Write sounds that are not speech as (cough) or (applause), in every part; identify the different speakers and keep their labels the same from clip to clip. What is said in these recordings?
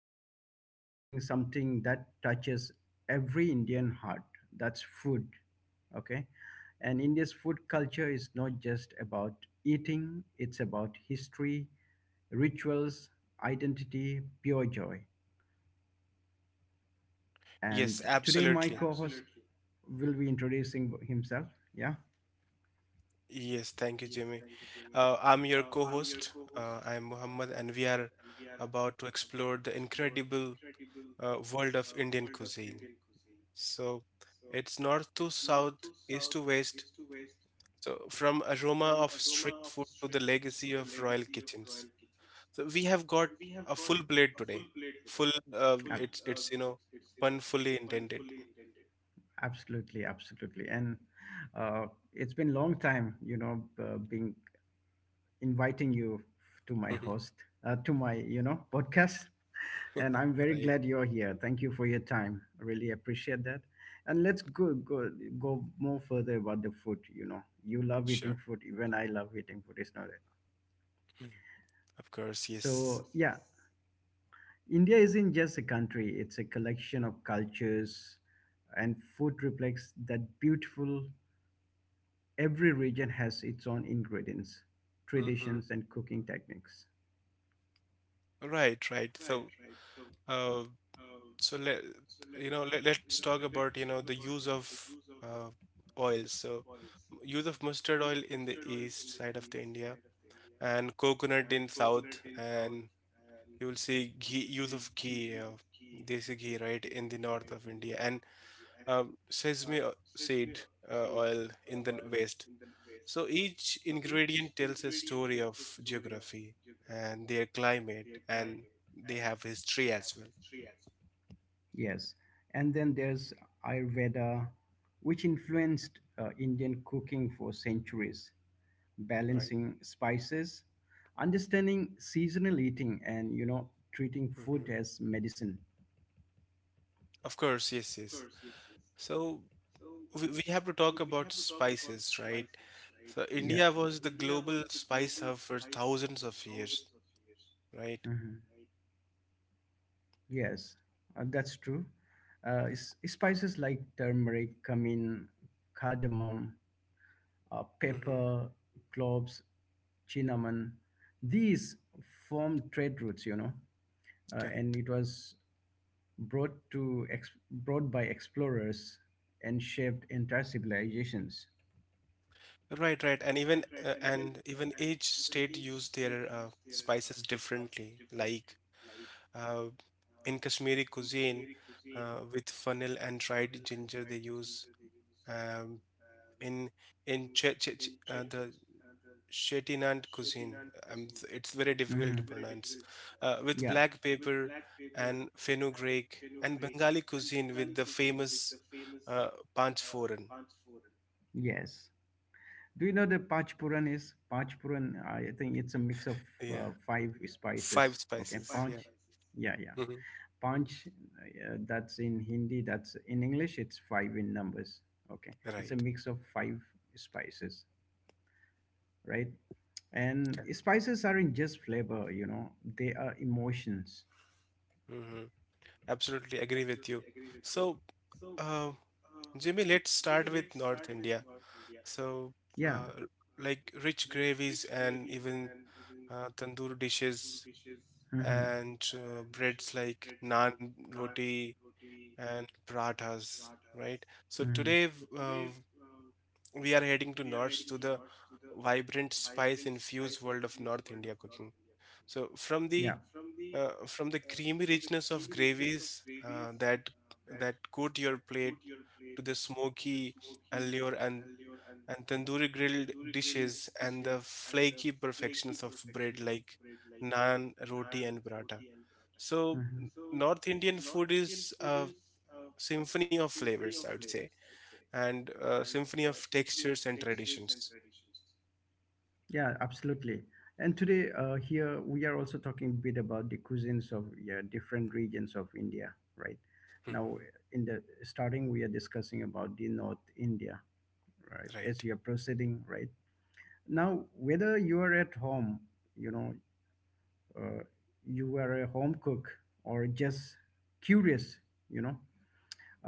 Speaker 1: be talking something that touches every Indian heart, that's food. Okay? And India's food culture is not just about eating, it's about history, rituals, identity, pure joy.
Speaker 2: Yes,
Speaker 1: And today, my
Speaker 2: absolutely.
Speaker 1: co host Absolutely. Will be introducing himself. Yeah,
Speaker 2: Yes, thank you, Jimmy. I'm your co-host. I'm Muhammad, and we are about to explore the incredible world of Indian cuisine. So it's north to south, east to west. So from aroma of street food to the legacy of royal kitchens. So we have got a full plate today. Full,
Speaker 1: ab-
Speaker 2: pun fully intended. (laughs)
Speaker 1: absolutely. And uh, it's been long time, being inviting you to my host, to my podcast, and I'm very
Speaker 2: Right.
Speaker 1: glad you're here. Thank you for your time. I really appreciate that. And let's go more further about the food. You know, you love eating
Speaker 2: Sure.
Speaker 1: food. Even I love eating food. It's not it.
Speaker 2: Mm. Of course, yes.
Speaker 1: So yeah. India isn't just a country, it's a collection of cultures, and food reflects that beautiful. Every region has its own ingredients,
Speaker 2: Mhm.
Speaker 1: traditions, and cooking techniques.
Speaker 2: Right, right. So, uh, so let's talk about, the use of uh, oils. So, use of mustard oil in the east side of the India and coconut in south, and you will see ghee, use of ghee, desi ghee, right, in the north of India, and sesame seed oil in the west. So each ingredient tells a story of geography and their climate, and they have history as well,
Speaker 1: Yes. And then there's Ayurveda, which influenced Indian cooking for centuries,
Speaker 2: right?
Speaker 1: balancing spices, understanding seasonal eating, and, you know, treating food
Speaker 2: Mhm.
Speaker 1: as medicine.
Speaker 2: Of course, yes, yes. So we have to talk about spices, right? So
Speaker 1: Yeah.
Speaker 2: India was the global spice hub for thousands of years, right?
Speaker 1: Mm-hmm. Yes, that's true. Spices like turmeric, cumin, cardamom,
Speaker 2: Hmm.
Speaker 1: pepper, cloves, cinnamon, these form trade routes, you know, and
Speaker 2: Correct.
Speaker 1: it was brought by explorers and shaped entire civilizations.
Speaker 2: Right, right. And even each state used their spices differently. Like uh, in Kashmiri cuisine, with fennel and dried ginger, they use um, in in the Shettinad cuisine. It's very difficult to
Speaker 1: Mhm.
Speaker 2: pronounce. With
Speaker 1: Yeah.
Speaker 2: black pepper and fenugreek and Bengali cuisine with the famous uh, panchforan.
Speaker 1: Yes. Do you know the panchpuran is? Panchpuran, I think it's a mix of
Speaker 2: Yeah,
Speaker 1: five spices.
Speaker 2: five
Speaker 1: Okay,
Speaker 2: spices. Yeah.
Speaker 1: panch, yeah, yeah.
Speaker 2: Hmm.
Speaker 1: Panch, that's in Hindi, that's in English, it's five in numbers. Okay, it's a
Speaker 2: Right.
Speaker 1: mix of five spices, right? And
Speaker 2: Correct.
Speaker 1: spices aren't just flavor, you know, they are emotions.
Speaker 2: Hmm. Absolutely agree with you. So, uh, Jimmy, let's start with North India. So,
Speaker 1: Yeah,
Speaker 2: uh, like rich gravies and even tandoor dishes
Speaker 1: hmm
Speaker 2: and breads like naan, roti, and parathas, right? So
Speaker 1: hmm
Speaker 2: today uh, we are heading to north to the vibrant spice-infused world of North India cooking. So from the
Speaker 1: yeah.
Speaker 2: creamy richness of gravies that coat your plate to the smoky allure and tandoori grilled dishes and the flaky perfections of bread like naan, roti, and paratha. So
Speaker 1: Hmm.
Speaker 2: North Indian food is a symphony of flavors, I would say, and a symphony of textures and traditions.
Speaker 1: Yeah, absolutely. And today, here we are also talking a bit about the cuisines of, yeah, different regions of India, right?
Speaker 2: Mhm.
Speaker 1: Now, in the starting, we are discussing about the North India, right?
Speaker 2: Right.
Speaker 1: As you are proceeding, right? Now, whether you are at home, you know, uh, you are a home cook or just curious, you know,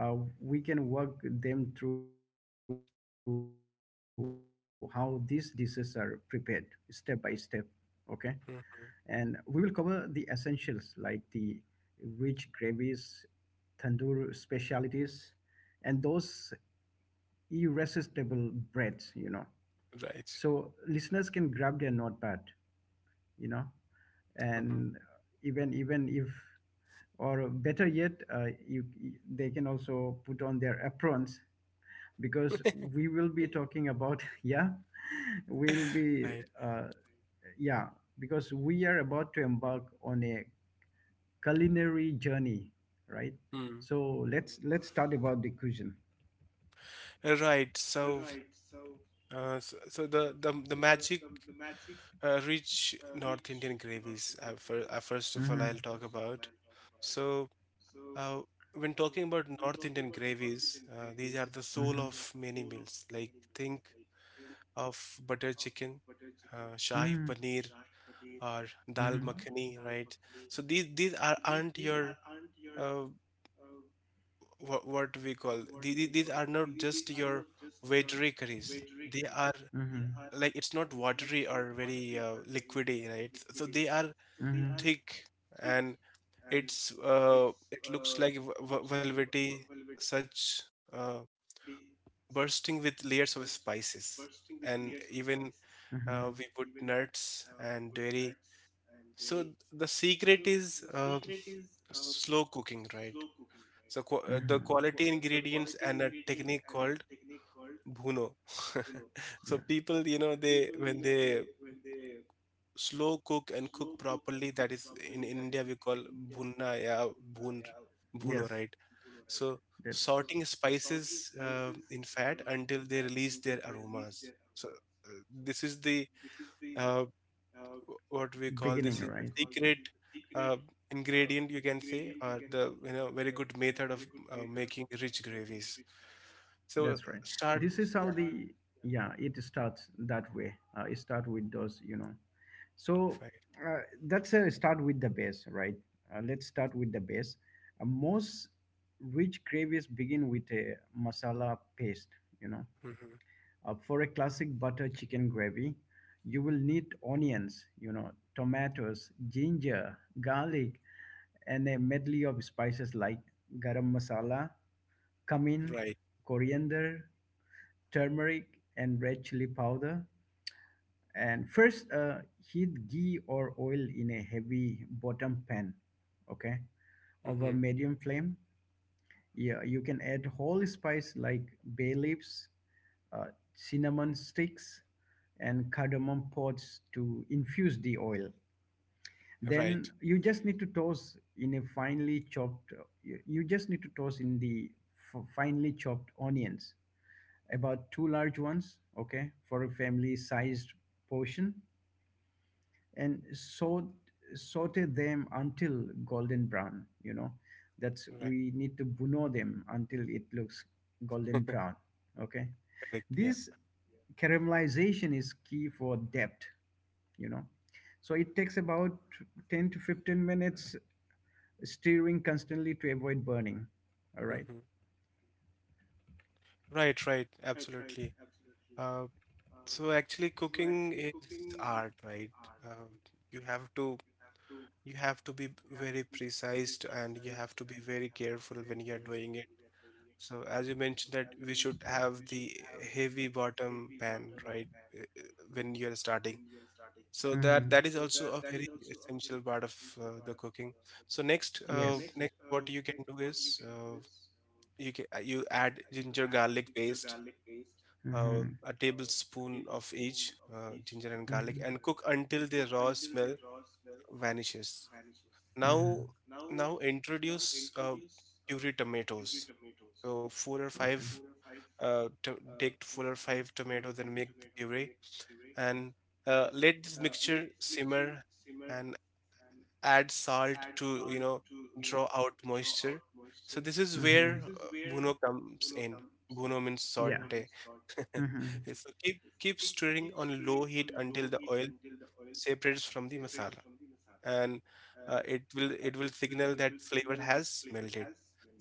Speaker 1: we can work them through how these dishes are prepared step by step, okay? And we will cover the
Speaker 2: Mhm.
Speaker 1: essentials like the rich gravies, tandoor specialities, and those irresistible breads, you know.
Speaker 2: Right.
Speaker 1: So listeners can grab their notepad, you know,
Speaker 2: Mhm.
Speaker 1: and even even if or better yet, they can also put on their aprons because
Speaker 2: (laughs)
Speaker 1: we will be talking about (laughs) yeah, we'll be
Speaker 2: Right.
Speaker 1: uh, yeah, because we are about to embark on a culinary journey, right?
Speaker 2: Mm.
Speaker 1: So let's start about the cuisine.
Speaker 2: Right. So the magic rich North Indian gravies. First of all,
Speaker 1: Mm-hmm.
Speaker 2: I'll talk about. So, uh, when talking about North Indian gravies, these are the soul of many
Speaker 1: Mm-hmm.
Speaker 2: meals. Like think of butter chicken, shahi
Speaker 1: Mm-hmm.
Speaker 2: paneer, or dal
Speaker 1: Mm-hmm.
Speaker 2: makhani, right? So these aren't your uh, what we call these are not just your watery curries. They are
Speaker 1: Mm-hmm.
Speaker 2: like it's not watery or very liquidy, right? So they are thick and it looks like velvety, such uh, bursting with layers of spices, and even
Speaker 1: Mhm, mhm,
Speaker 2: we put nuts and dairy. So the secret is slow cooking, right? So the
Speaker 1: mhm.
Speaker 2: quality ingredients and a technique called bhuno. (laughs)
Speaker 1: Yeah.
Speaker 2: So people, you know, they when they slow cook and cook properly, that is in India we call bhunna ya bhun
Speaker 1: Yes,
Speaker 2: bhuno, right? So
Speaker 1: that
Speaker 2: sorting spices in fat until they release their aromas. So this is the uh,
Speaker 1: beginning, right?
Speaker 2: secret uh, ingredient you can say, or the very good method of making rich gravies. So
Speaker 1: That's right.
Speaker 2: start.
Speaker 1: This is how
Speaker 2: Yeah.
Speaker 1: the yeah it starts that way. It starts with those, you know, so
Speaker 2: Right.
Speaker 1: uh, that's a start with the base, right? Let's start with the base. Most rich gravies begin with a masala paste, you know.
Speaker 2: Hmm.
Speaker 1: For a classic butter chicken gravy, you will need onions, you know, tomatoes, ginger, garlic, and a medley of spices like garam masala, cumin,
Speaker 2: Right.
Speaker 1: coriander, turmeric, and red chili powder. And first, heat ghee or oil in a heavy bottom pan, okay, of a
Speaker 2: Hmm.
Speaker 1: medium flame. Yeah, you can add whole spice like bay leaves, uh, cinnamon sticks, and cardamom pods to infuse the oil. Then
Speaker 2: Right,
Speaker 1: you just need to toss in a finely chopped. You just need to toss in the finely chopped onions, about two large ones, okay, for a family-sized portion, and saute them until golden brown. You know, that's
Speaker 2: right.
Speaker 1: we need to buno them until it looks golden
Speaker 2: (laughs)
Speaker 1: brown. Okay,
Speaker 2: Correct. Yeah.
Speaker 1: this caramelization is key for depth. You know, so it takes about 10 to 15 minutes stirring constantly to avoid burning. All right.
Speaker 2: Hmm. Right, right. Absolutely. uh, so actually cooking is art, right? You have to be very precise and you have to be very careful when you are doing it. So as you mentioned that we should have the heavy bottom pan, right, uh, uh, when you're starting. So that
Speaker 1: Mhm.
Speaker 2: that is also a very essential part of the cooking. So next,
Speaker 1: So
Speaker 2: uh,
Speaker 1: yes.
Speaker 2: next, what you can do is you can you add ginger garlic paste,
Speaker 1: Mhm.
Speaker 2: a tablespoon of each ginger and garlic,
Speaker 1: Mhm.
Speaker 2: and cook until the raw smell vanishes. Now,
Speaker 1: Mhm.
Speaker 2: now, introduce puree tomatoes. So four or
Speaker 1: From okay.
Speaker 2: five to take four or five tomatoes and make the puree, and let this mixture simmer and add salt to draw out moisture. So this is
Speaker 1: So
Speaker 2: where
Speaker 1: mm-hmm.
Speaker 2: bhuno comes in. Bhuno means
Speaker 1: Yeah.
Speaker 2: saute. (laughs)
Speaker 1: Hmm.
Speaker 2: So keep stirring on low heat until the oil separates from the masala, and it will signal that flavor has melted.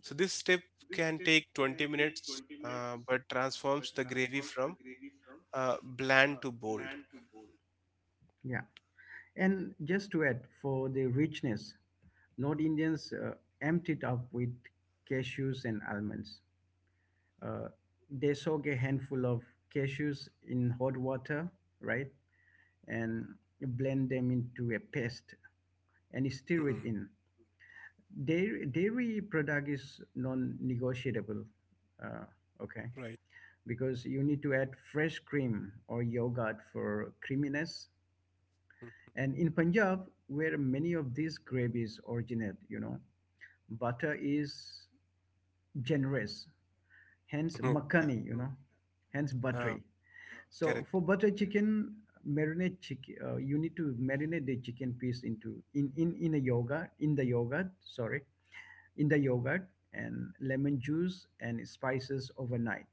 Speaker 2: So this step can take 20 minutes, but transforms the gravy from bland to bold.
Speaker 1: Yeah. And just to add for the richness, North Indians emptied up with cashews and almonds. Uh, they soak a handful of cashews in hot water, right? And blend them into a paste and stir it
Speaker 2: Mm,
Speaker 1: in. Dairy product is non negotiable. Uh, okay,
Speaker 2: right.
Speaker 1: because you need to add fresh cream or yogurt for creaminess. And in Punjab, where many of these gravies originate, you know, butter is generous, hence
Speaker 2: Mhm. (laughs) Yeah.
Speaker 1: makhani, you know, hence
Speaker 2: Uh,
Speaker 1: buttery. So
Speaker 2: correct.
Speaker 1: for butter chicken, you need to marinate the chicken piece into in a yogurt in the yogurt, sorry, in the yogurt and lemon juice and spices overnight.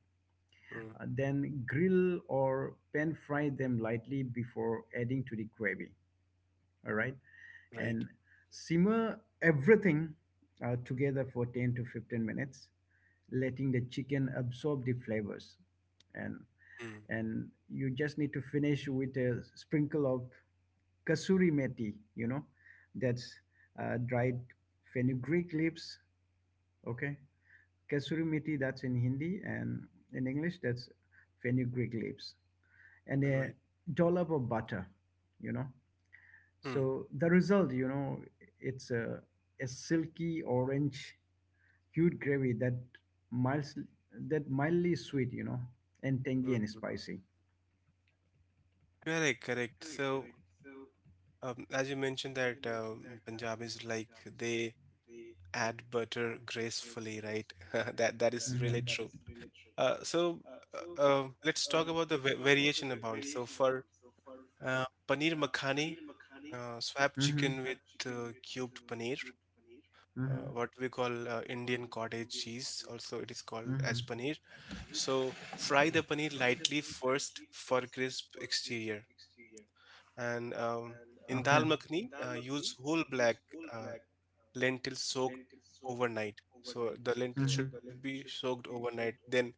Speaker 2: Mm,
Speaker 1: Then grill or pan fry them lightly before adding to the gravy. All right.
Speaker 2: right.
Speaker 1: And simmer everything together for 10 to 15 minutes, letting the chicken absorb the flavors. And
Speaker 2: Mm,
Speaker 1: you just need to finish with a sprinkle of kasuri methi, you know, that's dried fenugreek leaves. Okay. Kasuri methi, that's in Hindi, and in English, that's fenugreek leaves and a
Speaker 2: right.
Speaker 1: dollop of butter, you know,
Speaker 2: Mm,
Speaker 1: so the result, you know, it's a silky orange hued gravy that mild that mildly sweet, you know, and tangy
Speaker 2: mm,
Speaker 1: and
Speaker 2: mm.
Speaker 1: spicy.
Speaker 2: Correct. Correct. So, as you mentioned that Punjab is like they add butter gracefully, right? (laughs) That is really true.
Speaker 1: Hmm
Speaker 2: So, let's talk about the variation amount. So for paneer makhani, swap
Speaker 1: true. Hmm
Speaker 2: chicken with cubed paneer,
Speaker 1: hmm hmm
Speaker 2: what we call Indian cottage cheese. Also, it is called as paneer. So, fry the paneer lightly first for crisp exterior. And in
Speaker 1: okay
Speaker 2: dal makhani, use whole black uh, lentils soaked overnight. So the lentils
Speaker 1: hmm
Speaker 2: should be soaked overnight, then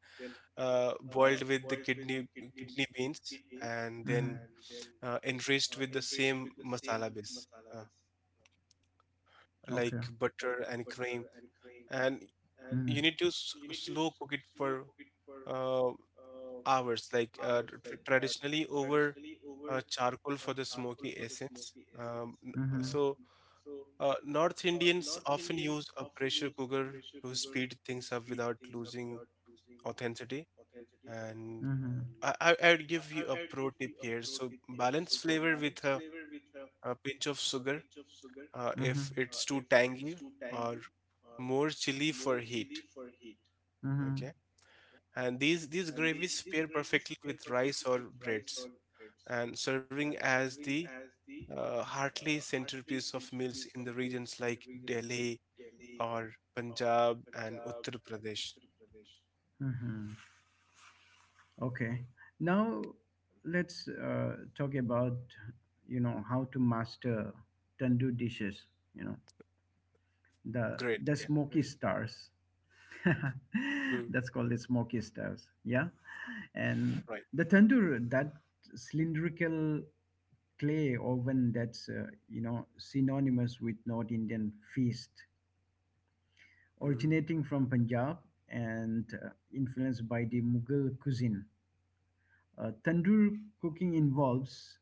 Speaker 2: boiled with the kidney beans, and then
Speaker 1: hmm
Speaker 2: enriched with the same masala base, uh,
Speaker 1: okay
Speaker 2: like butter and cream. And you need to slow cook it for uh, hours, like traditionally over charcoal for the smoky essence. Um, n-
Speaker 1: mm-hmm.
Speaker 2: so, uh, North Indians often use a pressure cooker to speed things up without losing authenticity. And
Speaker 1: Mm-hmm.
Speaker 2: I would give you a pro tip here. So, balance flavor with a pinch of sugar if it's too tangy or more chili for heat.
Speaker 1: Mm-hmm.
Speaker 2: Okay. And these gravies pair perfectly with rice or breads and serving as the heartily centerpiece of meals in the regions like Delhi or Punjab and Uttar Pradesh.
Speaker 1: Mm-hmm. Okay. Now let's talk about, you know, how to master tandoor dishes. You know,
Speaker 2: Great.
Speaker 1: the
Speaker 2: Yeah.
Speaker 1: smoky stars.
Speaker 2: Mm,
Speaker 1: (laughs) That's called the smoky stars. Yeah, and
Speaker 2: right.
Speaker 1: the tandoor, that cylindrical clay oven that's, you know, synonymous with North Indian feast,
Speaker 2: Mm.
Speaker 1: originating from Punjab and influenced by the Mughal cuisine. Tandoor cooking involves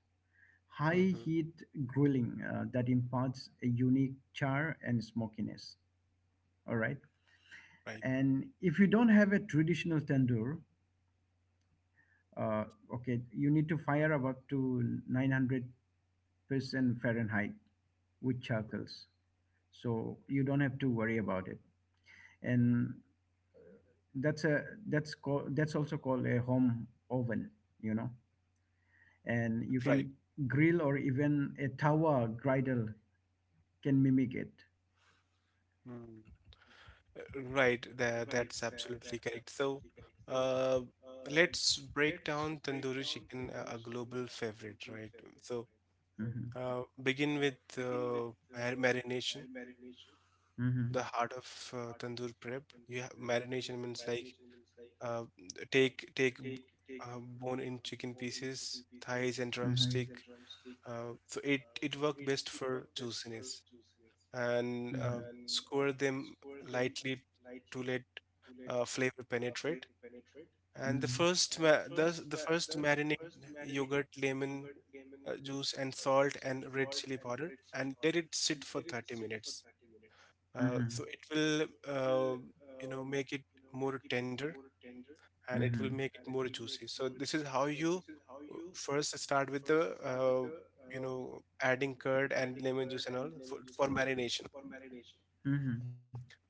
Speaker 1: high
Speaker 2: Hmm.
Speaker 1: heat grilling that imparts a unique char and smokiness. All right.
Speaker 2: Right.
Speaker 1: And if you don't have a traditional tandoor, uh, okay, you need to fire up to 900% Fahrenheit with charcoals. So you don't have to worry about it. And that's also called a home oven, you know. And you
Speaker 2: Right.
Speaker 1: can grill or even a tawa griddle can mimic it.
Speaker 2: Mm. Right. That's absolutely correct. So, uh, let's break down tandoori chicken, a global favorite, right? So,
Speaker 1: Mhm,
Speaker 2: begin with marination,
Speaker 1: mhm,
Speaker 2: the heart of tandoor prep. You have marination means like uh, take bone in chicken pieces, thighs and
Speaker 1: mhm,
Speaker 2: drumstick. So it worked best for juiciness, and
Speaker 1: mhm,
Speaker 2: score them lightly to let flavor penetrate. And the
Speaker 1: mhm,
Speaker 2: first marinate yogurt, lemon juice, and salt and red chili powder, and let it sit for 30 minutes. Uh,
Speaker 1: mhm,
Speaker 2: so it will, make it more tender, and it will
Speaker 1: mhm,
Speaker 2: make it more juicy. So this is how you first start with the adding curd and lemon juice and all for, marination.
Speaker 1: mhm,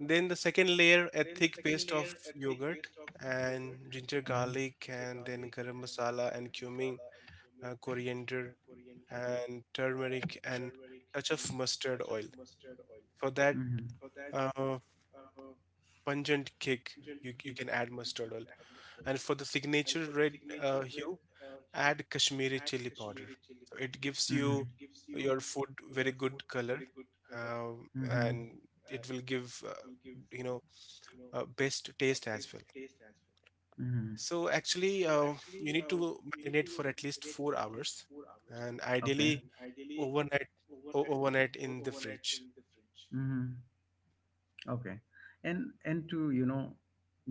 Speaker 2: Then the second layer, a thick paste of yogurt and ginger garlic and then garam masala and cumin, coriander and turmeric and touch of mustard oil. For that
Speaker 1: mhm,
Speaker 2: uh, pungent kick, you can add mustard oil. And for the signature red hue, add Kashmiri chili powder. So it gives
Speaker 1: mhm,
Speaker 2: you your food very good color,
Speaker 1: mhm,
Speaker 2: and it will give you know best taste as well.
Speaker 1: mhm.
Speaker 2: So actually, you need to marinate for at least 4 hours, and
Speaker 1: Okay.
Speaker 2: ideally overnight, in the fridge.
Speaker 1: Mm-hmm. Okay. And to, you know,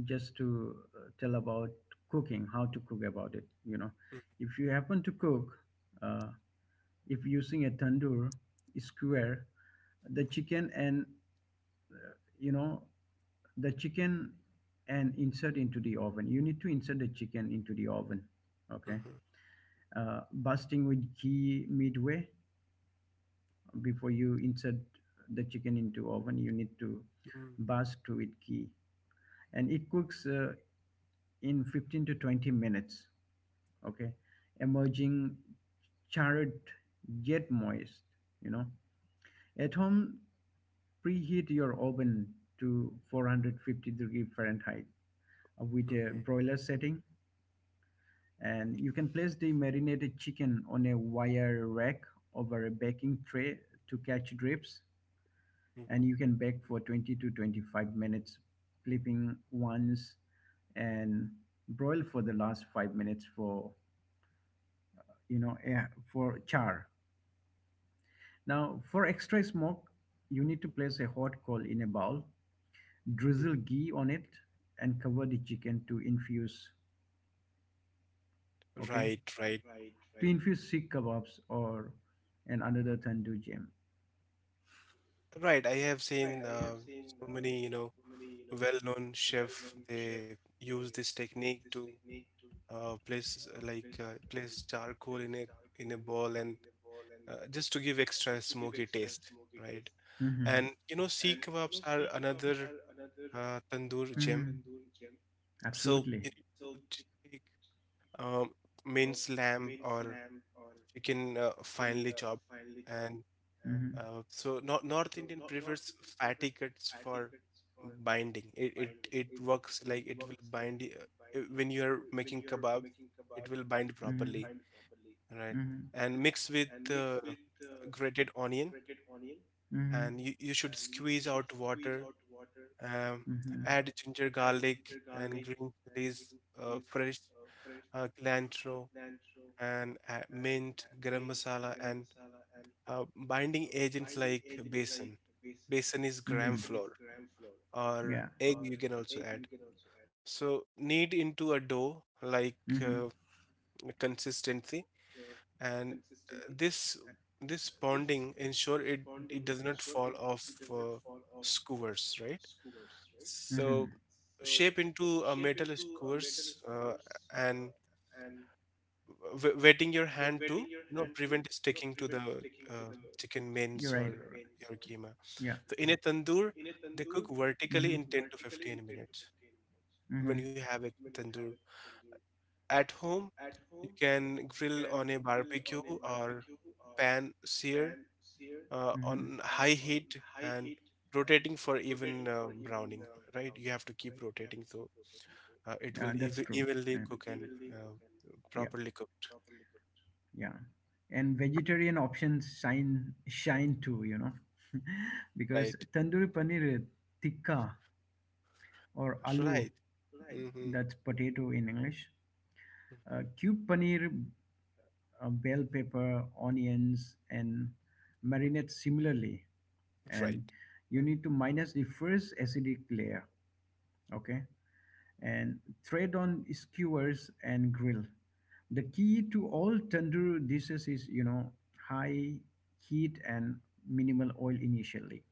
Speaker 1: just to tell about cooking, how to cook about it, you know. If you happen to cook, uh, if using a tandoor, square the chicken and, you know, the chicken and insert into the oven you need to insert the chicken into the oven, okay,
Speaker 2: Mhm,
Speaker 1: busting with ghee midway. Before you insert the chicken into oven you need to
Speaker 2: mhm,
Speaker 1: bust to with ghee, and it cooks in 15 to 20 minutes, okay, emerging charred yet moist, you know. At home, preheat your oven to 450 degrees Fahrenheit with
Speaker 2: mhm,
Speaker 1: a broiler setting, and you can place the marinated chicken on a wire rack over a baking tray to catch drips,
Speaker 2: mhm,
Speaker 1: and you can bake for 20 to 25 minutes, flipping once, and broil for the last 5 minutes for, you know eh, for char. Now for extra smoke you need to place a hot coal in a bowl,
Speaker 2: mhm.
Speaker 1: drizzle ghee on it, and cover the chicken to infuse. Okay,
Speaker 2: Right, right,
Speaker 1: to infuse sikh kebabs or and
Speaker 2: mm.
Speaker 1: another tandoor jam.
Speaker 2: Right. I have seen so many, well-known chef, they use this technique to place charcoal in a bowl and just to give extra smoky taste, right?
Speaker 1: Hmm.
Speaker 2: And you know, sea kebabs are another tandoor gem.
Speaker 1: Hmm,
Speaker 2: So
Speaker 1: absolutely.
Speaker 2: you need to take um, minced lamb or chicken, finely chopped, and
Speaker 1: Uh, hmm,
Speaker 2: so North Indian prefers fatty cuts for binding. It works like it will bind when you are making kebabs, it will bind
Speaker 1: you hmm
Speaker 2: properly,
Speaker 1: hmm
Speaker 2: right?
Speaker 1: hmm
Speaker 2: And mix with grated onion,
Speaker 1: hmm
Speaker 2: and you should squeeze out water. Um,
Speaker 1: hmm
Speaker 2: add ginger, garlic, and green chilies, fresh cilantro, and mint, garam masala, and binding agents like besan. Besan is
Speaker 1: hmm
Speaker 2: gram flour,
Speaker 1: for
Speaker 2: or
Speaker 1: yeah
Speaker 2: egg you can also add.
Speaker 1: hmm
Speaker 2: So knead into a dough like consistency, and uh, this this bonding ensure it does not fall off skewers, right?
Speaker 1: hmm
Speaker 2: So shape into a metal skewers, and wetting your hand to prevent sticking to the uh, chicken
Speaker 1: you're
Speaker 2: mince or
Speaker 1: right
Speaker 2: your keema.
Speaker 1: yeah. Okay.
Speaker 2: So in a tandoor, they cook
Speaker 1: They
Speaker 2: vertically
Speaker 1: hmm
Speaker 2: in 10 to 15 minutes when
Speaker 1: hmm
Speaker 2: you have a tandoor. At home, you can grill on a barbecue or pan sear
Speaker 1: hmm
Speaker 2: on high heat and rotating for even browning, right? You have to keep rotating so it
Speaker 1: yeah
Speaker 2: will
Speaker 1: that's true
Speaker 2: evenly
Speaker 1: yeah
Speaker 2: cook and
Speaker 1: cook.
Speaker 2: properly cooked,
Speaker 1: Yeah, and vegetarian options shine too, you know. (laughs) Because
Speaker 2: right?
Speaker 1: tandoori paneer tikka or
Speaker 2: So,
Speaker 1: aloo,
Speaker 2: right. Mm-hmm.
Speaker 1: that's potato in english,
Speaker 2: Mm-hmm.
Speaker 1: cube paneer, bell pepper, onions, and marinate similarly and
Speaker 2: Right.
Speaker 1: you need to minus the first acidic layer, okay, and thread on skewers and grill. The key to all tandoor dishes is, you know, high heat and minimal oil initially,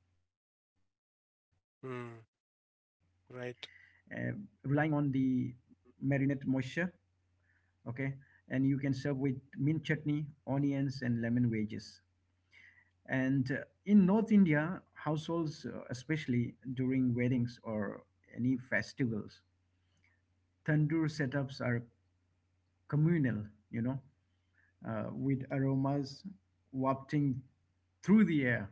Speaker 1: uh,
Speaker 2: Mm,
Speaker 1: relying on the
Speaker 2: right.
Speaker 1: marinade moisture. Okay, and you can serve with mint chutney, onions, and lemon wedges. And in North India, households, especially during weddings or any festivals, tandoor setups are communal, you know, with aromas wafting through the air,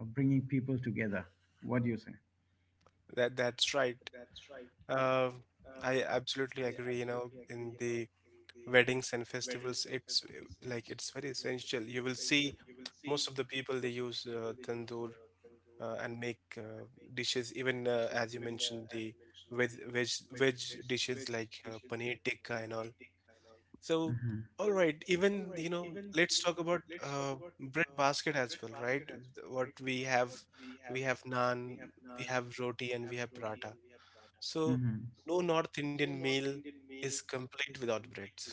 Speaker 1: bringing people together. What do you say?
Speaker 2: That that's right. Uh, I absolutely agree, in the weddings and festivals it's like it's very essential. You will see most of the people they use tandoor, and make dishes, even as you mentioned, the veg dishes like paneer tikka and all. So
Speaker 1: Hmm
Speaker 2: all right, even let's talk about bread basket as well, right? What we have, we have naan, we have roti, and we have paratha. So
Speaker 1: hmm
Speaker 2: no North Indian meal is complete without breads.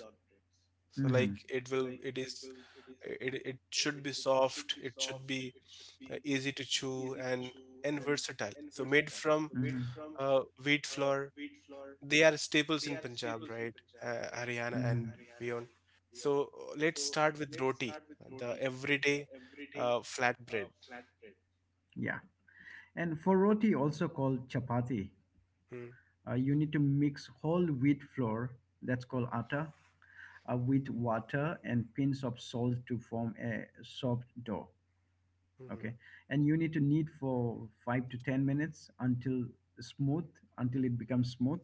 Speaker 2: So like
Speaker 1: hmm.
Speaker 2: it will it is it, it should be soft, it should be easy to chew, and versatile, so made from
Speaker 1: Mhm.
Speaker 2: wheat flour. They are staples in Punjab, right? Haryana and
Speaker 1: Mhm.
Speaker 2: beyond. So let's start with roti, the everyday flatbread.
Speaker 1: Yeah. And for roti, also called chapati,
Speaker 2: Mm-hmm.
Speaker 1: you need to mix whole wheat flour, that's called atta, with water and pinch of salt to form a soft dough. Okay. And you need to knead for five to 10 minutes until smooth, until it becomes smooth.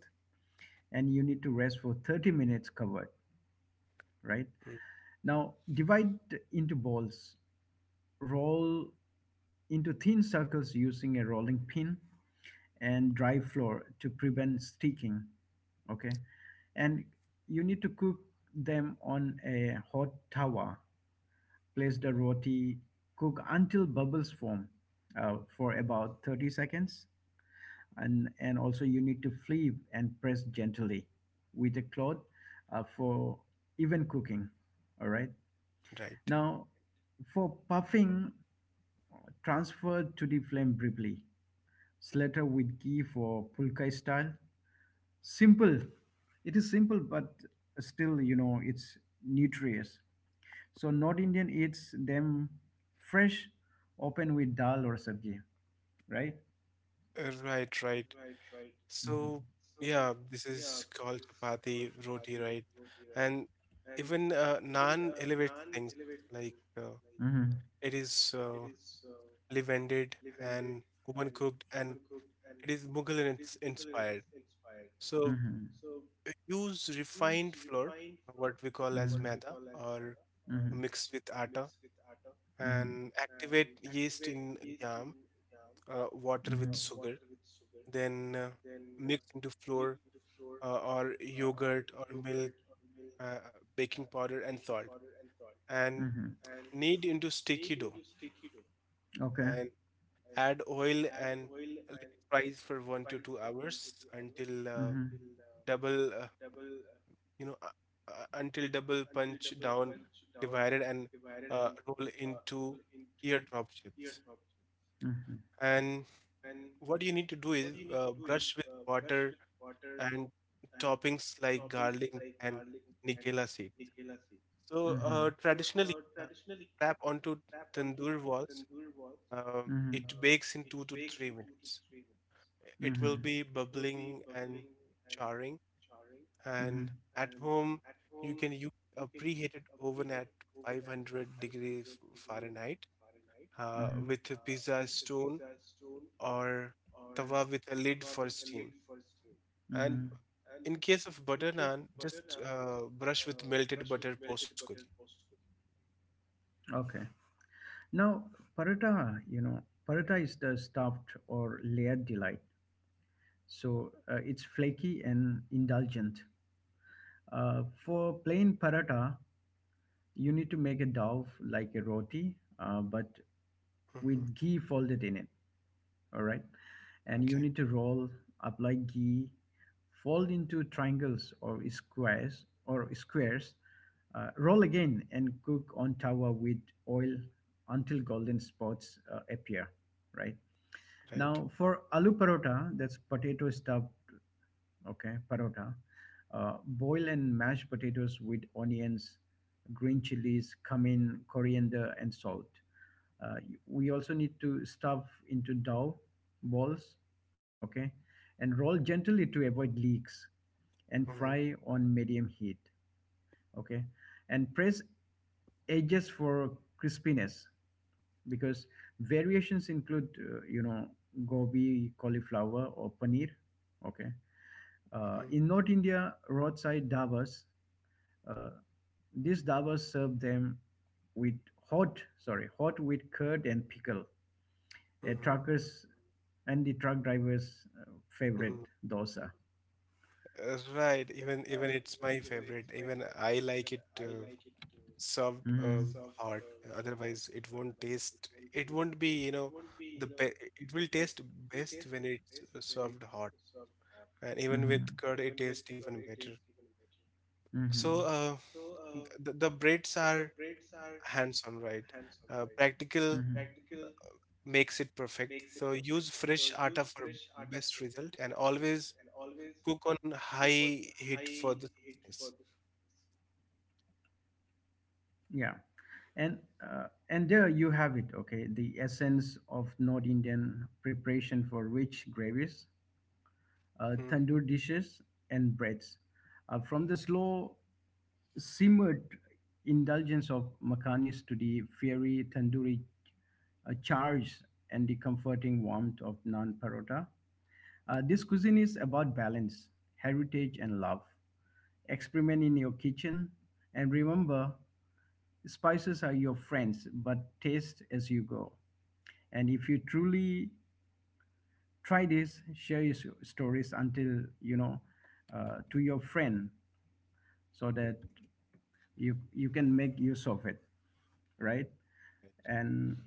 Speaker 1: And you need to rest for 30 minutes covered, right? Now divide into balls, roll into thin circles using a rolling pin and dry floor to prevent sticking, okay? And you need to cook them on a hot tower. Place the roti, cook until bubbles form for about 30 seconds, and also you need to flip and press gently with a cloth for even cooking. All right.
Speaker 2: Right.
Speaker 1: Now for puffing, transfer to the flame briefly. Slatter with ghee for pulkai style. Simple, it is simple, but still, you know, it's nutritious. So north indian eats them fresh, open with dal or sabji, right?
Speaker 2: Right, right. So
Speaker 1: Hmm
Speaker 2: yeah, this is called chapati roti, right? And even naan elevates things, like
Speaker 1: hmm.
Speaker 2: it is leavened and oven cooked, and it is Mughal in its inspired. So
Speaker 1: Mm-hmm.
Speaker 2: use refined flour, what we call as
Speaker 1: Mm-hmm.
Speaker 2: maida, or
Speaker 1: Mm-hmm.
Speaker 2: mixed with atta,
Speaker 1: And
Speaker 2: and activate yeast in yam, water
Speaker 1: mm-hmm.
Speaker 2: with
Speaker 1: Mm-hmm.
Speaker 2: sugar, then mix into flour or yogurt or milk, uh, baking powder and salt, and
Speaker 1: Mm-hmm.
Speaker 2: knead into sticky dough,
Speaker 1: Okay.
Speaker 2: and add oil and let it rise for 1 to 2 hours until
Speaker 1: Mm-hmm.
Speaker 2: double you know until double punch down, divided, and roll into teardrop shapes.
Speaker 1: Mm-hmm.
Speaker 2: And what you need to do is brush with water and toppings like garlic and nigella seed. So
Speaker 1: Mm-hmm.
Speaker 2: traditionally, wrap onto tandoor walls.
Speaker 1: Mm-hmm.
Speaker 2: It bakes in 2 to 3 minutes. It will
Speaker 1: Mm-hmm.
Speaker 2: be bubbling and charring. And
Speaker 1: Mm-hmm.
Speaker 2: at home, you can use a preheated oven at 500 degrees Fahrenheit
Speaker 1: Mm-hmm.
Speaker 2: with a pizza stone or tawa with a lid for steam.
Speaker 1: Mm-hmm.
Speaker 2: And in case of butter naan, just brush with melted butter post cooking.
Speaker 1: Okay. Now, paratha, you know, paratha is the stuffed or layered delight. So it's flaky and indulgent. For plain paratha, you need to make a dough like a roti, but
Speaker 2: Mhm.
Speaker 1: with ghee folded in it. All right, and you
Speaker 2: Okay,
Speaker 1: need to roll, apply ghee, fold into triangles or squares roll again, and cook on tawa with oil until golden spots appear, right? Now
Speaker 2: right.
Speaker 1: for aloo parota, that's potato stuffed, okay, parota. Boil and mash potatoes with onions, green chilies, cumin, coriander, and salt. uh, we also need to stuff into dough balls, okay, and roll gently to avoid leaks and
Speaker 2: Mhm,
Speaker 1: fry on medium heat. Okay, and press edges for crispiness. Because variations include gobi, cauliflower, or paneer. Okay.
Speaker 2: mhm,
Speaker 1: In North India roadside davas, uh, these davas serve them with hot, sorry, hot with curd and pickle. A
Speaker 2: mhm,
Speaker 1: truckers and the truck drivers' favorite
Speaker 2: mhm.
Speaker 1: dosa.
Speaker 2: Right, even it's my favorite. Even I like it. Served
Speaker 1: Hmm.
Speaker 2: hot. Otherwise, it won't taste. It won't be, you know, the be it will taste best when it's served hot. And even
Speaker 1: Hmm.
Speaker 2: with curd, it tastes even better. So
Speaker 1: Hmm.
Speaker 2: the braids are hands-on, right? Practical
Speaker 1: Hmm.
Speaker 2: makes it perfect. So use fresh atta for best result, and always cook on high heat for the softness.
Speaker 1: Yeah, and there you have it. Okay, the essence of North Indian preparation for rich gravies,
Speaker 2: Mhm,
Speaker 1: tandoor dishes, and breads, from the slow simmered indulgence of makhanis to the fiery tandoori A charge and the comforting warmth of naan parota. This cuisine is about balance, heritage, and love. Experiment in your kitchen and remember, spices are your friends, but taste as you go. And if you truly try this, share your stories until you know to your friend, so
Speaker 2: mhm,
Speaker 1: that you can make use of it, right? And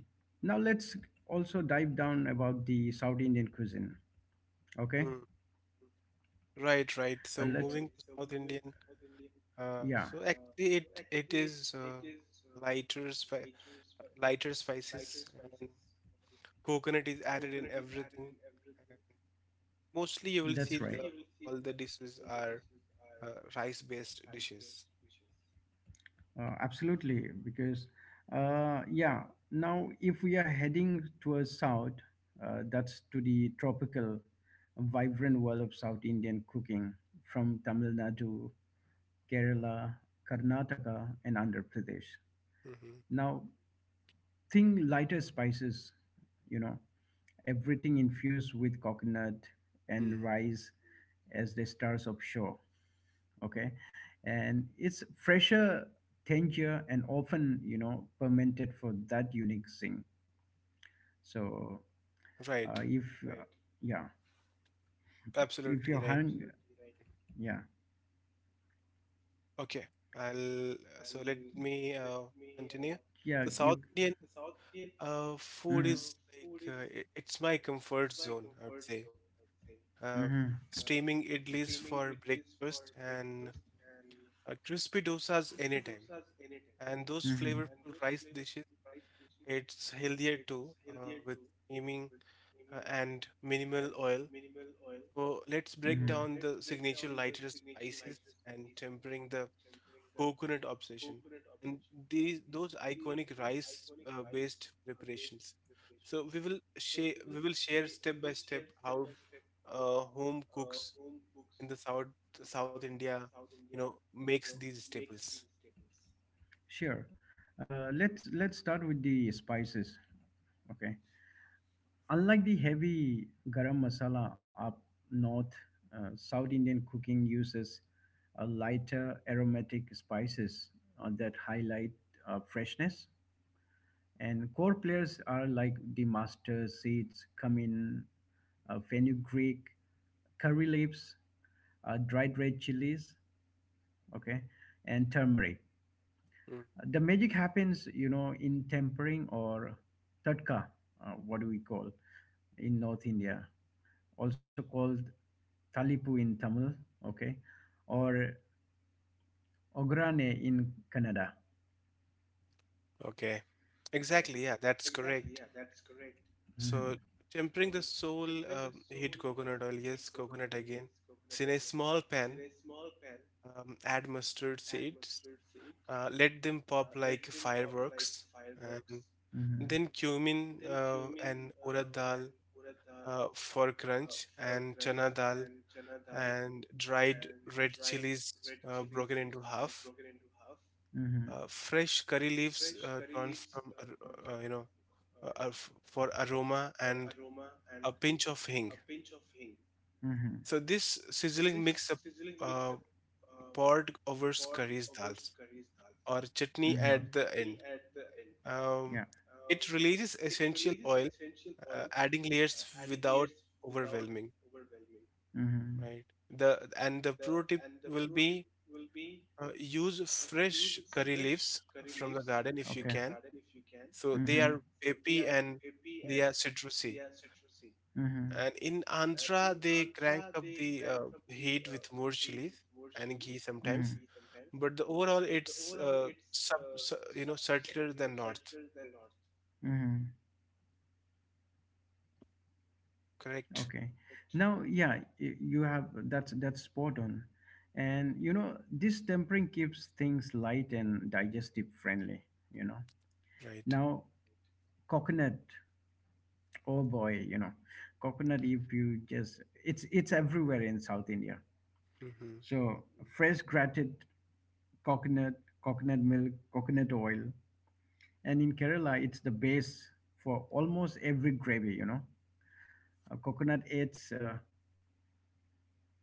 Speaker 1: now let's also dive down about the South Indian cuisine.
Speaker 2: mhm.
Speaker 1: Okay.
Speaker 2: Right. Mm, right, right. So
Speaker 1: Let's
Speaker 2: moving to South Indian.
Speaker 1: Yeah,
Speaker 2: So actually, it is lighter spi lighter spices, and coconut is added in everything. And mostly, you will see
Speaker 1: that's right.
Speaker 2: all the dishes are uh, rice-based dishes.
Speaker 1: Absolutely, because uh, yeah, now if we are heading towards south, that's to the tropical, vibrant world of South Indian cooking from Tamil Nadu, Kerala, Karnataka, and Andhra Pradesh.
Speaker 2: Mm-hmm.
Speaker 1: Now, think lighter spices, you know, everything infused with coconut and
Speaker 2: Mm.
Speaker 1: rice as the stars of show. Okay. And it's fresher, tangier, and often, you know, fermented for that unique thing. So uh,
Speaker 2: Right.
Speaker 1: if uh, yeah if you're
Speaker 2: Absolutely right.
Speaker 1: hungry. Absolutely. Yeah.
Speaker 2: Okay. I'll So let me continue.
Speaker 1: yeah
Speaker 2: The
Speaker 1: you
Speaker 2: South Indian food
Speaker 1: Mm-hmm.
Speaker 2: is like it's my comfort zone, I would say. Uh,
Speaker 1: Mm-hmm.
Speaker 2: Steaming idlis for breakfast, and crispy dosas anytime. And those
Speaker 1: Hmm.
Speaker 2: flavorful rice dishes, it's healthier too, with steaming and minimal oil. So let's break
Speaker 1: Mm-hmm.
Speaker 2: down the signature lighter spices and
Speaker 1: this
Speaker 2: tempering, the coconut obsession, and these those iconic rice based preparations. So we will share step by step how home cooks in the South India, makes these staples.
Speaker 1: Sure. Let's start with the spices. Okay. Unlike the heavy garam masala up north, South Indian cooking uses a lighter aromatic spices that highlight freshness, and core players are like the master seeds, cumin, fenugreek, curry leaves, dried red chilies, okay, and turmeric.
Speaker 2: Hmm.
Speaker 1: The magic happens, you know, in tempering or tadka, what do we call in North India, also called talipu in Tamil, okay, or ograne in Kannada.
Speaker 2: Okay. Exactly. Yeah, that's correct. So,
Speaker 1: Mhm.
Speaker 2: tempering the soul, heat coconut oil, yes, coconut again. So, in a small pan, add mustard seeds, let them pop like fireworks, and
Speaker 1: Mhm.
Speaker 2: then cumin and urad dal for crunch, and chana dal and dried red chilies broken into half,
Speaker 1: Mhm.
Speaker 2: fresh curry leaves torn from, uh, ar- for aroma, and a pinch of hing.
Speaker 1: Mhm.
Speaker 2: So this sizzling mix up uh, poured over curries, dals, or chutney
Speaker 1: Mhm.
Speaker 2: at the end. Um,
Speaker 1: Yeah.
Speaker 2: it releases essential oil, adding layers without overwhelming.
Speaker 1: Mm-hmm.
Speaker 2: Right. The pro tip will be use fresh curry leaves from the garden if you
Speaker 1: Okay. Okay.
Speaker 2: can. So they
Speaker 1: Mm-hmm.
Speaker 2: are peppy and they are citrusy.
Speaker 1: Mm-hmm.
Speaker 2: And in Andhra, they crank up the heat with more chilies and ghee sometimes,
Speaker 1: Mm-hmm.
Speaker 2: but the overall it's subtler than north,
Speaker 1: Mm-hmm.
Speaker 2: correct,
Speaker 1: Okay. Now, yeah, you have, that's spot on, and you know this tempering keeps things light and digestive friendly. You know.
Speaker 2: right.
Speaker 1: Now, coconut. Oh boy, you know, coconut. If you just, it's everywhere in South India.
Speaker 2: Hmm.
Speaker 1: So fresh grated coconut, coconut milk, coconut oil. And in Kerala it's the base for almost every gravy, you know. Coconut adds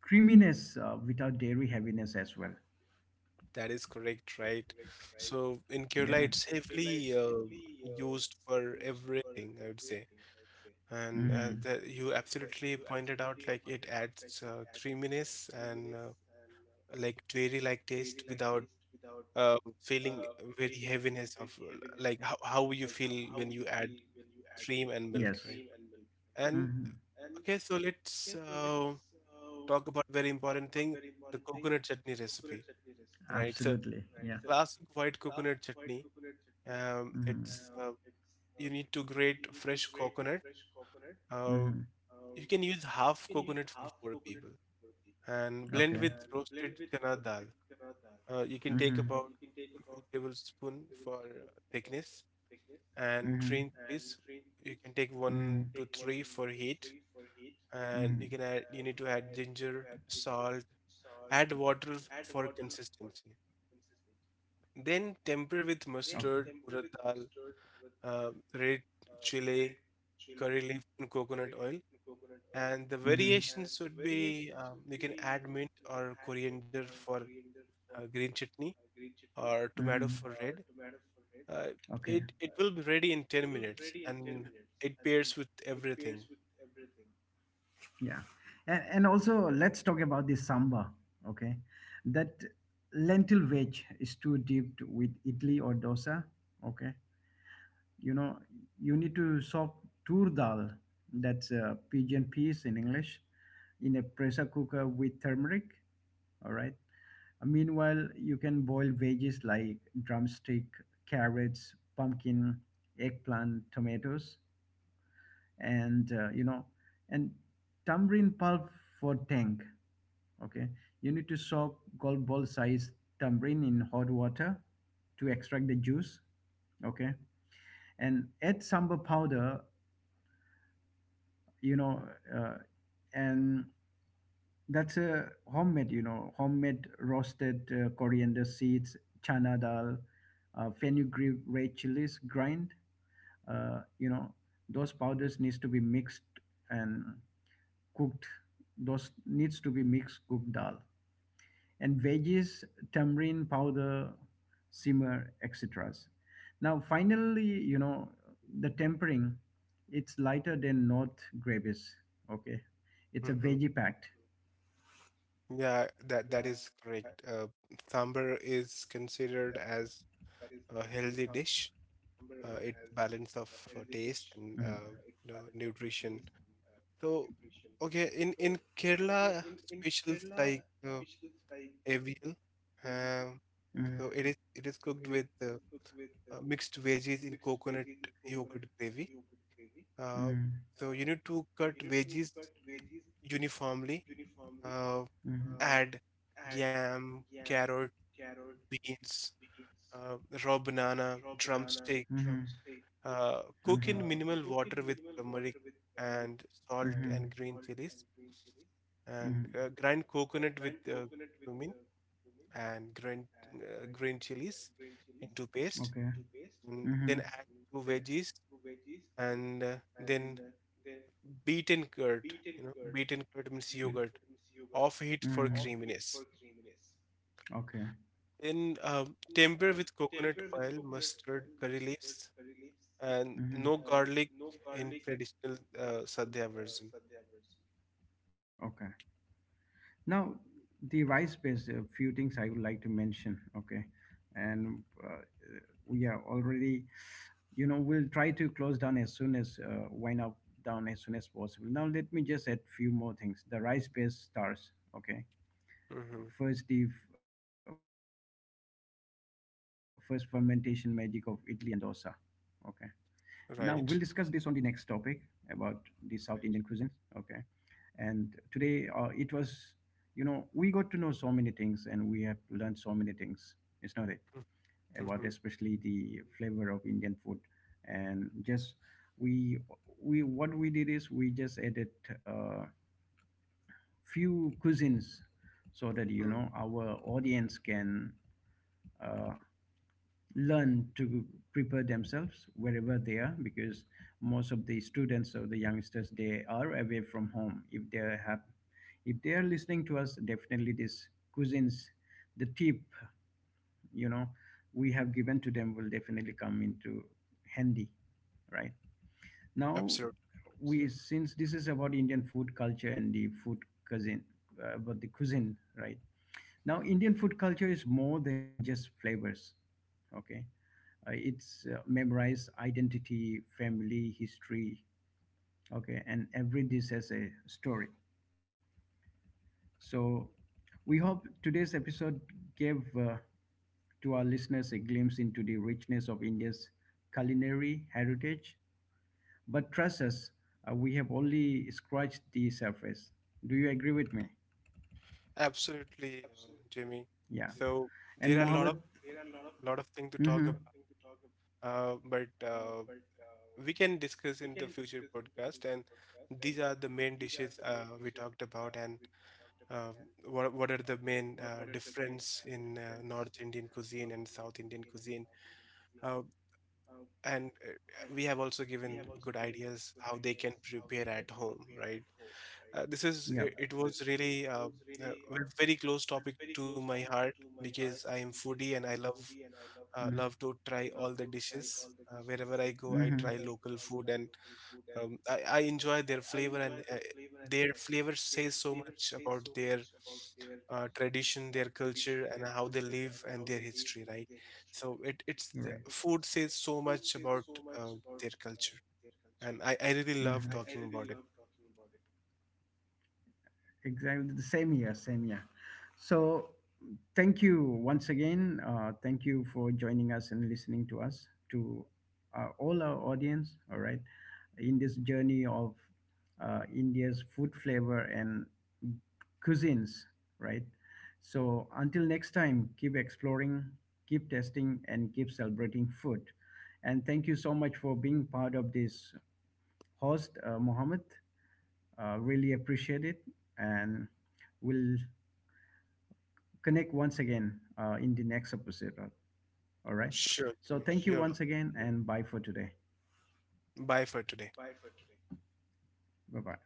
Speaker 1: creaminess without dairy heaviness as well.
Speaker 2: That is correct, right. So in Kerala
Speaker 1: Yeah.
Speaker 2: it's heavily used for everything, I would say. And
Speaker 1: Hmm.
Speaker 2: that you absolutely pointed out, like it adds creaminess and like dairy like taste without uh, feeling very heaviness of like how you feel when you add cream and milk,
Speaker 1: Yes.
Speaker 2: right? And
Speaker 1: Hmm.
Speaker 2: okay, so let's talk about very important thing, the coconut chutney recipe, right? So
Speaker 1: Absolutely.
Speaker 2: the
Speaker 1: Yeah.
Speaker 2: classic white coconut chutney.
Speaker 1: Hmm.
Speaker 2: It's you need to grate fresh coconut. Uh,
Speaker 1: Hmm.
Speaker 2: you can use half coconut for four people and blend
Speaker 1: Okay.
Speaker 2: with roasted chana dal. You can take
Speaker 1: Hmm. A.
Speaker 2: about 2 tablespoon for thickness, and
Speaker 1: Hmm.
Speaker 2: green
Speaker 1: Right.
Speaker 2: chilies. You can take one
Speaker 1: Hmm.
Speaker 2: to three for heat, and you
Speaker 1: Hmm.
Speaker 2: can add. You need to add ginger, salt, add water for consistency. Then temper with
Speaker 1: Okay.
Speaker 2: mustard, urad dal, red chili, curry leaf, and coconut oil. And the variations would be, you can add mint or coriander for green chutney, or tomato
Speaker 1: Mm-hmm.
Speaker 2: for red. Uh,
Speaker 1: Okay.
Speaker 2: it will be ready in 10 minutes and it pairs with everything.
Speaker 1: Yeah. And also, let's talk about the samba, okay? That lentil veg is too dipped with idli or dosa, okay? You know, you need to soak tur dal, that's a pigeon peas in English, in a pressure cooker with turmeric, all right? Meanwhile, you can boil veggies like drumstick, carrots, pumpkin, eggplant, tomatoes, and, uh, you know, and tamarind pulp for tang. Okay. You need to soak golf ball size tamarind in hot water to extract the juice. Okay. And add sambal powder, you know, uh, and that's a homemade, you know, homemade roasted coriander seeds, chana dal, fenugreek, red chilies grind. Uh, you know, those powders needs to be mixed and cooked. Those needs to be mixed cooked dal, and veggies, tamarind powder, simmer, etc. Now, finally, you know, the tempering, it's lighter than North gravies. Okay. It's a
Speaker 2: Hmm.
Speaker 1: veggie packed.
Speaker 2: Yeah, that is correct. Sambar is considered as a healthy dish. It
Speaker 1: Hmm.
Speaker 2: balance of taste and nutrition. So, okay, in Kerala, specials like avial. Um,
Speaker 1: Hmm.
Speaker 2: so it is cooked with mixed veggies in coconut yogurt gravy. Uh,
Speaker 1: Hmm.
Speaker 2: so you need to cut veggies uniformly. Uh,
Speaker 1: Hmm.
Speaker 2: Add yam, carrot, beans, uh, raw banana, drumstick.
Speaker 1: Hmm.
Speaker 2: Cook in
Speaker 1: Hmm.
Speaker 2: minimal water with turmeric and salt
Speaker 1: Hmm.
Speaker 2: and green chilies, and
Speaker 1: Hmm.
Speaker 2: grind coconut with cumin, and grind green chilies into paste,
Speaker 1: Okay.
Speaker 2: and
Speaker 1: Hmm.
Speaker 2: then add two veggies and then beaten curd, beaten curd means yogurt, off heat for
Speaker 1: Hmm.
Speaker 2: creaminess.
Speaker 1: Okay.
Speaker 2: Then temper with coconut oil, mustard, curry leaves, and no
Speaker 1: Hmm.
Speaker 2: garlic, in traditional sadhya version.
Speaker 1: Okay. Now, the rice-based few things I would like to mention. Okay, and we are already, you know, we'll try to close down as soon as possible. Now, let me just add few more things. The rice-based stars. Okay,
Speaker 2: Hmm,
Speaker 1: first first fermentation magic of Italy and dosa. Okay, now we'll discuss this on the next topic about
Speaker 2: right.
Speaker 1: the South Indian cuisine. Okay, and today it was, you know, we got to know so many things and we have learned so many things. It's not it about,
Speaker 2: Mm-hmm.
Speaker 1: especially the flavor of Indian food. And just, we we what we did is we just added uh, few cuisines so that, you know, our audience can uh, learn to prepare themselves wherever they are, because most of the students or the youngsters, they are away from home. If they have, if they are listening to us, definitely this cuisines, the tip, you know, we have given to them will definitely come into handy, right? Now,
Speaker 2: Absolutely,
Speaker 1: we, since this is about Indian food culture and the food cuisine, about the cuisine, right? Now Indian food culture is more than just flavors. Okay. It's memorize identity, family, history. Okay, and every dish has a story. So we hope today's episode gave to our listeners a glimpse into the richness of India's culinary heritage, but trust us, we have only scratched the surface. Do you agree with me?
Speaker 2: absolutely, Jimmy.
Speaker 1: Yeah.
Speaker 2: So
Speaker 1: And
Speaker 2: there are a lot of
Speaker 1: Mohammed.
Speaker 2: things to talk,
Speaker 1: Mhm.
Speaker 2: but we can discuss in the future podcast. And these are the main dishes we talked about, and uh, what are the main difference in North Indian cuisine and South Indian cuisine. Uh, and we have also given good ideas how they can prepare at home, right?
Speaker 1: Yeah.
Speaker 2: It was really a very close topic to my heart, because I am foodie and I love
Speaker 1: Mhm.
Speaker 2: to try all the dishes. Wherever I go, I
Speaker 1: Mhm.
Speaker 2: try local food, and I enjoy their flavor, and their flavor says so much about their tradition, their culture, and how they live and their history, right? So it it's
Speaker 1: Right.
Speaker 2: food says so much about uh, their culture, and I really love
Speaker 1: Mhm.
Speaker 2: talking about it.
Speaker 1: Exactly the same here, same here. So thank you once again. Thank you for joining us and listening to us, to all our audience. All right, in this journey of India's food, flavor, and cuisines, right? So until next time, keep exploring, keep testing, and keep celebrating food. And thank you so much for being part of this host, Mohammed. Really appreciate it, and we'll connect once again in the next episode. All right.
Speaker 2: Sure,
Speaker 1: So
Speaker 2: Jimmy.
Speaker 1: thank you
Speaker 2: You're welcome.
Speaker 1: once again, and bye for today.
Speaker 2: Bye for today.
Speaker 1: Bye bye.